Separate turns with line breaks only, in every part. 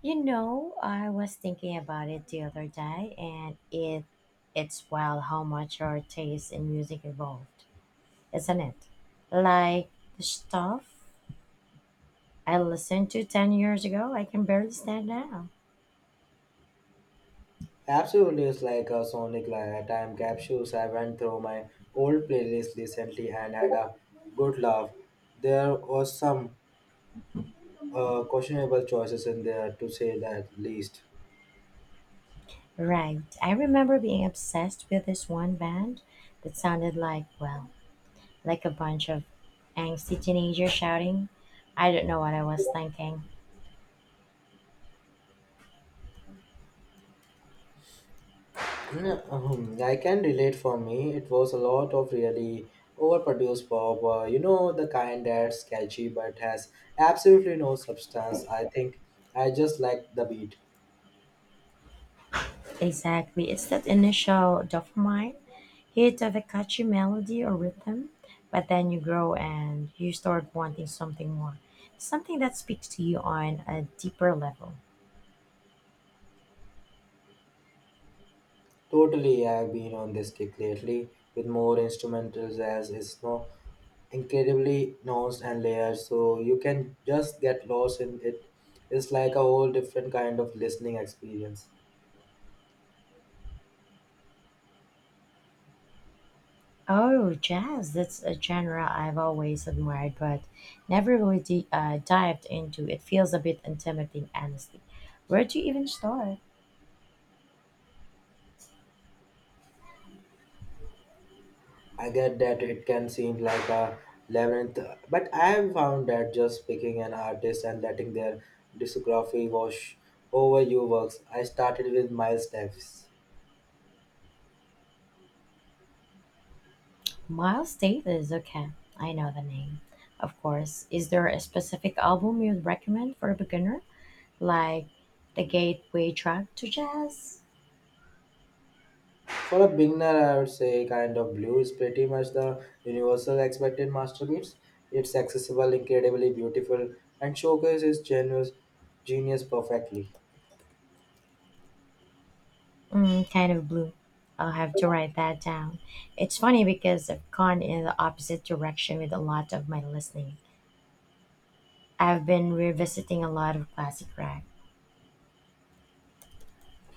You know, I was thinking about it the other day, and it's wild how much our taste in music evolved, isn't it? Like the stuff I listened to 10 years ago, I can barely stand now.
Absolutely, it's like a sonic time capsules. I went through my old playlist recently and had a good laugh. There was some questionable choices in there, to say that least.
Right. I remember being obsessed with this one band that sounded like, well, like a bunch of angsty teenagers shouting. I don't know what I was thinking.
I can relate for me. It was a lot of really overproduced pop. The kind that's catchy but has absolutely no substance. I think I just like the beat.
Exactly. It's that initial dopamine hit of a catchy melody or rhythm, but then you grow and you start wanting something more, something that speaks to you on a deeper level.
Totally, I've been on this kick lately with more instrumentals as it's no incredibly nuanced and layered, so you can just get lost in it. It's like a whole different kind of listening experience.
Oh, jazz. That's a genre I've always admired, but never really dived into. It feels a bit intimidating, honestly. Where do you even start?
I get that it can seem like a labyrinth, but I have found that just picking an artist and letting their discography wash over you works. I started with Miles Davis.
Miles Davis. Okay, I know the name. Of course. Is there a specific album you'd recommend for a beginner? Like the gateway drug to jazz.
For a beginner, I would say Kind of Blue is pretty much the universal expected masterpiece. It's accessible, incredibly beautiful, and showcases genius perfectly.
Mm, kind of blue. I'll have to write that down. It's funny because I've gone in the opposite direction with a lot of my listening. I've been revisiting a lot of classic rock,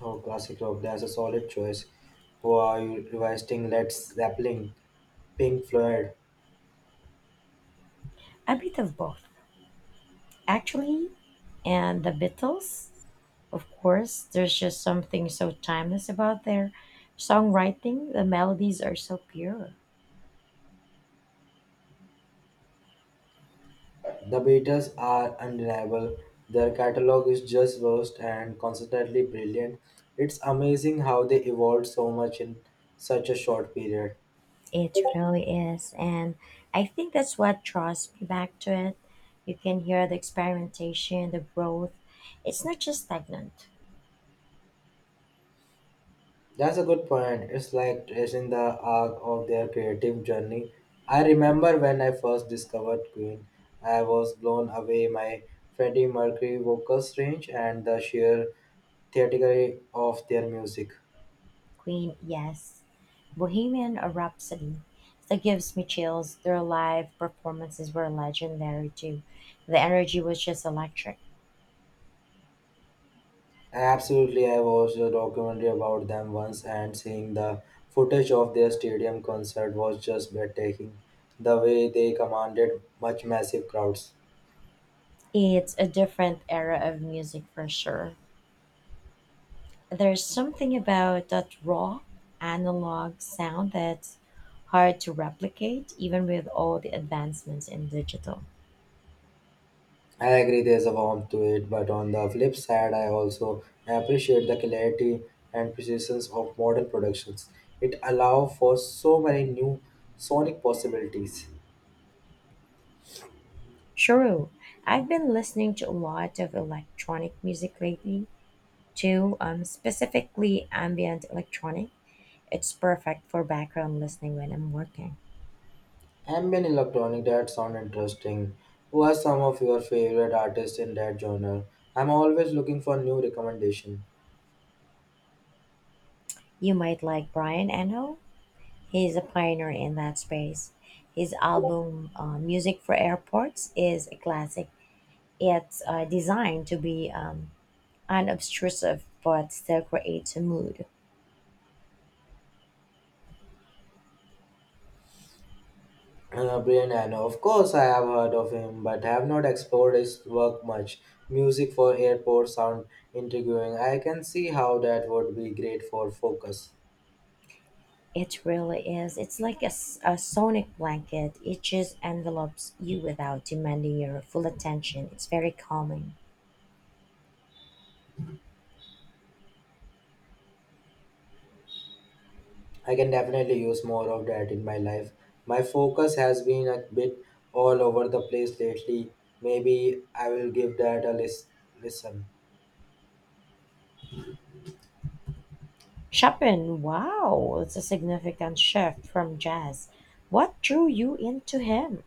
Oh, classic rock, that's a solid choice. Who are you revising Led Zeppelin, Pink Floyd?
a bit of both, actually, and the Beatles. Of course, there's just something so timeless about their songwriting. The melodies are so pure.
The Beatles are undeniable. Their catalog is just vast and consistently brilliant. It's amazing how they evolved so much in such a short period.
It really is. And I think that's what draws me back to it. You can hear the experimentation, the growth. It's not just stagnant.
That's a good point. It's like tracing the arc of their creative journey. I remember when I first discovered Queen, I was blown away by Freddie Mercury vocals range and the sheer theatricality of their music.
Queen, yes. Bohemian Rhapsody. That gives me chills. Their live performances were legendary too. The energy was just electric.
Absolutely, I watched a documentary about them once, and seeing the footage of their stadium concert was just breathtaking. The way they commanded much massive crowds.
It's a different era of music for sure. There's something about that raw analog sound that's hard to replicate, even with all the advancements in digital.
I agree there's a warmth to it, but on the flip side, I also appreciate the clarity and precision of modern productions. It allows for so many new sonic possibilities.
Sure, I've been listening to a lot of electronic music lately, too, specifically ambient electronic. It's perfect for background listening when I'm working.
Ambient electronic that sound interesting. Who are some of your favorite artists in that genre? I'm always looking for new recommendation.
You might like Brian Eno. He's a pioneer in that space. His album, Music for Airports, is a classic. It's designed to be unobtrusive but still creates a mood.
Brian Eno. Of course, I have heard of him, but have not explored his work much. Music for airport sound intriguing. I can see how that would be great for focus.
It really is. It's like a sonic blanket. It just envelops you without demanding your full attention. It's very calming.
I can definitely use more of that in my life. My focus has been a bit all over the place lately. Maybe I will give that a listen.
Chopin, wow, it's a significant shift from jazz. What drew you into him?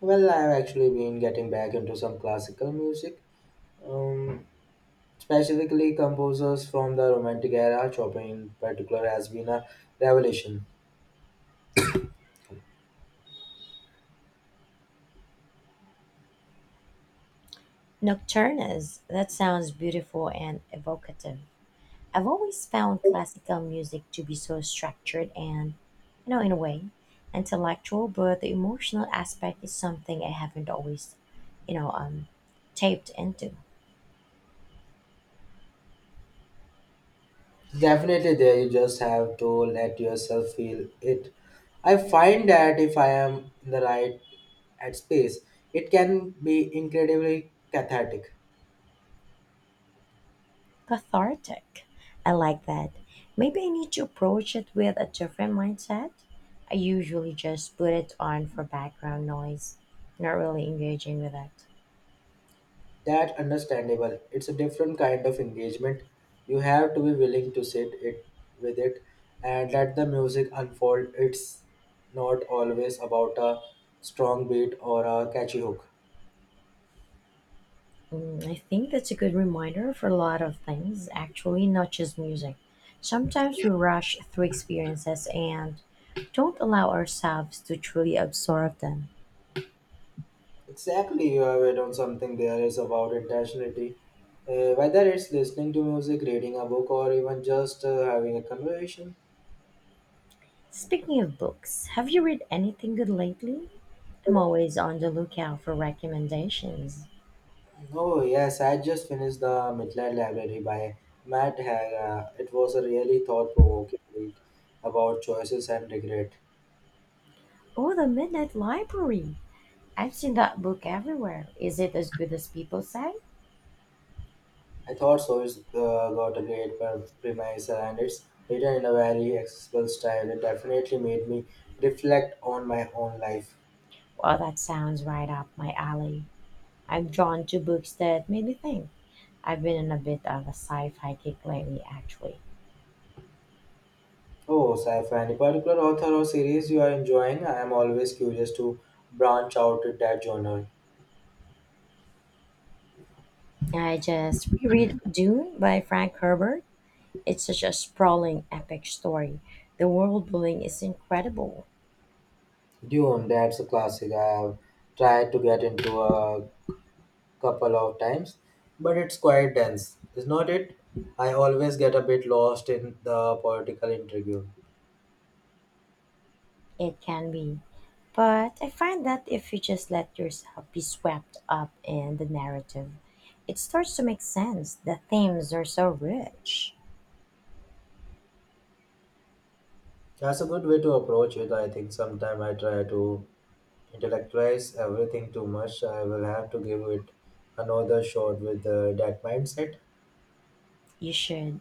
Well, I've actually been getting back into some classical music. Um, Specifically, composers from the Romantic era, Chopin in particular, has been a revelation.
Nocturnes, that sounds beautiful and evocative. I've always found classical music to be so structured and, you know, in a way, intellectual, but the emotional aspect is something I haven't always, you know, um, taped into.
Definitely, there you just have to let yourself feel it. I find that if I am in the right at space, it can be incredibly cathartic.
Cathartic. I like that. Maybe I need to approach it with a different mindset. I usually just put it on for background noise, not really engaging with it.
That understandable. It's a different kind of engagement. You have to be willing to sit it with it and let the music unfold. It's not always about a strong beat or a catchy hook.
Mm, I think that's a good reminder for a lot of things, actually, not just music. Sometimes we rush through experiences and don't allow ourselves to truly absorb them.
Exactly, you have hit on something there is about intentionality. Whether it's listening to music, reading a book, or even just having a conversation.
Speaking of books, have you read anything good lately? I'm always on the lookout for recommendations.
Oh, yes, I just finished The Midnight Library by Matt Haga. It was a really thought provoking read about choices and regret.
Oh, The Midnight Library! I've seen that book everywhere. Is it as good as people say?
I thought so. It's got a great premise and it's written in a very accessible style. It definitely made me reflect on my own life.
Well, that sounds right up my alley. I'm drawn to books that made me think. I've been in a bit of a sci fi kick lately, actually.
Oh, sci-fi. Any particular author or series you are enjoying? I am always curious to branch out in that genre.
I just reread Dune by Frank Herbert. It's such a sprawling, epic story. The world building is incredible.
Dune, that's a classic. I have tried to get into a couple of times, but it's quite dense, is not it? I always get a bit lost in the political intrigue.
It can be. But I find that if you just let yourself be swept up in the narrative, it starts to make sense. The themes are so rich.
That's a good way to approach it. I think sometimes I try to intellectualize everything too much. I will have to give it another shot with that mindset.
You should.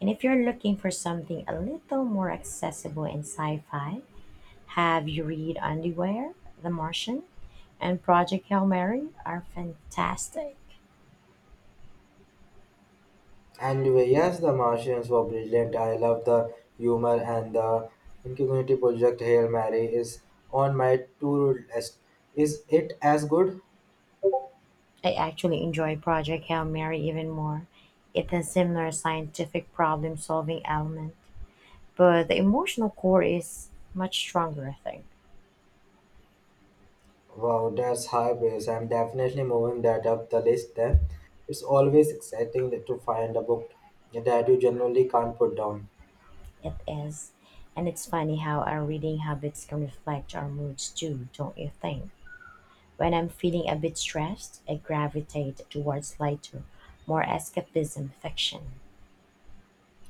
And if you're looking for something a little more accessible in sci fi, have you read Underwear, The Martian, and Project Hail Mary are fantastic.
Anyway, yes, the Martians were brilliant. I love the humor and the Ingenuity Project Hail Mary is on my to-do list. Is it as good?
I actually enjoy Project Hail Mary even more. It has similar scientific problem solving element, but the emotional core is much stronger, I think.
Wow, that's high praise. I'm definitely moving that up the list then. It's always exciting to find a book that you generally can't put down.
It is. And it's funny how our reading habits can reflect our moods too, don't you think? When I'm feeling a bit stressed, I gravitate towards lighter, more escapism fiction.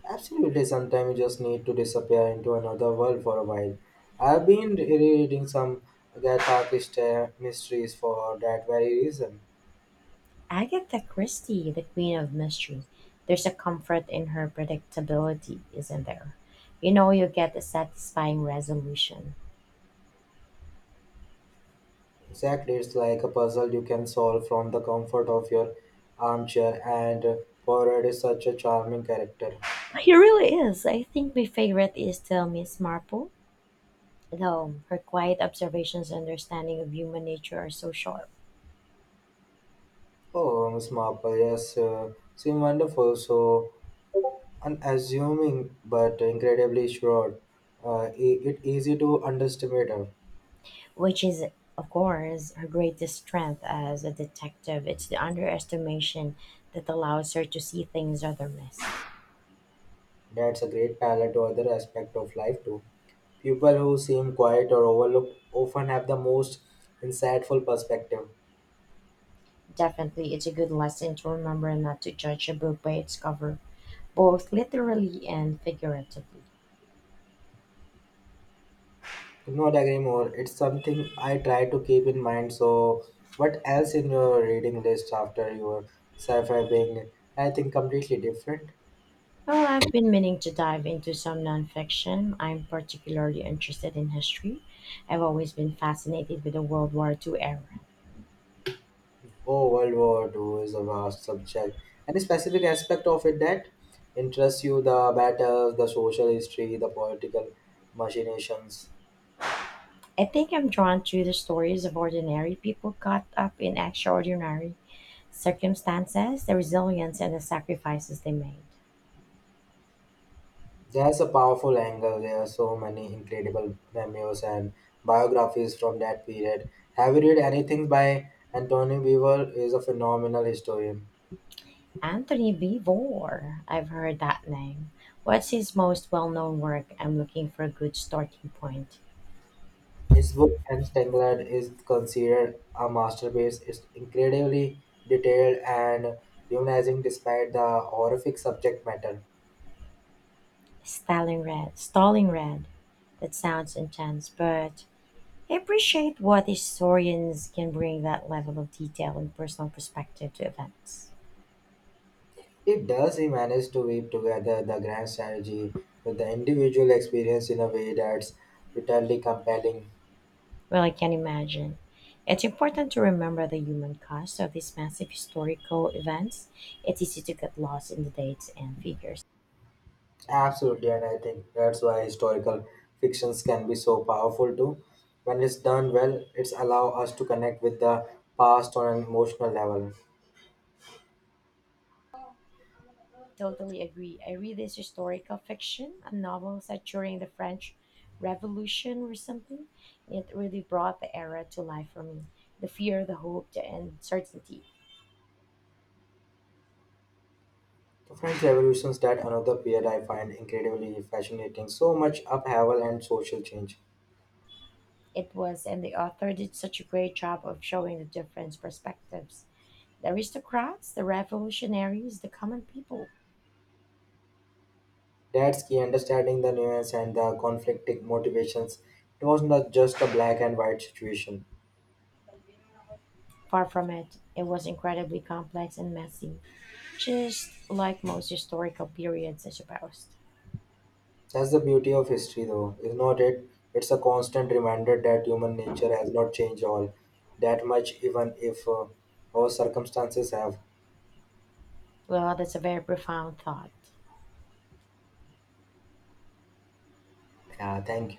Absolutely, sometimes you just need to disappear into another world for a while. I've been reading some Agatha Christie mysteries for that very reason.
Agatha Christie, the queen of mystery, there's a comfort in her predictability, isn't there? You know you get a satisfying resolution.
Exactly, it's like a puzzle you can solve from the comfort of your armchair, and Poirot is such a charming character.
He really is. I think my favorite is still Miss Marple, though her quiet observations and understanding of human nature are so sharp,
Oh, Miss Marple, yes, seem wonderful, so unassuming but incredibly sure. It easy to underestimate her.
which is, of course, her greatest strength as a detective. It's the underestimation that allows her to see things other miss.
That's a great parallel to other aspect of life too. People who seem quiet or overlooked often have the most insightful perspective.
Definitely, it's a good lesson to remember not to judge a book by its cover, both literally and figuratively.
Not agree more. It's something I try to keep in mind. So, what else in your reading list after your sci-fi being anything completely different?
Well, I've been meaning to dive into some nonfiction. I'm particularly interested in history. I've always been fascinated with the World War II era.
Oh, World War II is a vast subject. Any specific aspect of it that interests you? The battles, the social history, the political machinations.
I think I'm drawn to the stories of ordinary people caught up in extraordinary circumstances, the resilience and the sacrifices they made.
There's a powerful angle. There are so many incredible memoirs and biographies from that period. Have you read anything by Anthony Weaver? He Is a phenomenal historian.
Anthony Beevor, I've heard that name. What's his most well known work? I'm looking for a good starting point.
His book Entangled is considered a masterpiece. It's incredibly detailed and humanizing despite the horrific subject matter.
Stalling red, that sounds intense, but I appreciate what historians can bring that level of detail and personal perspective to events.
It does he manage to weave together the grand strategy with the individual experience in a way that's utterly compelling.
Well, I can imagine. It's important to remember the human cost of these massive historical events. It's easy to get lost in the dates and figures.
Absolutely, and I think that's why historical fictions can be so powerful too. When it's done well, it's allow us to connect with the past on an emotional level.
Totally agree. I read this historical fiction, a novel set during the French Revolution or something. It really brought the era to life for me. The fear, the hope, the uncertainty.
French Revolution's that another period I find incredibly fascinating. So much upheaval and social change.
It was, and the author did such a great job of showing the different perspectives. The aristocrats, the revolutionaries, the common people.
That's key understanding the nuance and the conflicting motivations. It was not just a black and white situation.
Far from it, it was incredibly complex and messy, just like most historical periods, I suppose.
That's the beauty of history though, is not it? It's a constant reminder that human nature has not changed all that much even if our circumstances have.
Well, that's a very profound thought.
Yeah, thank you.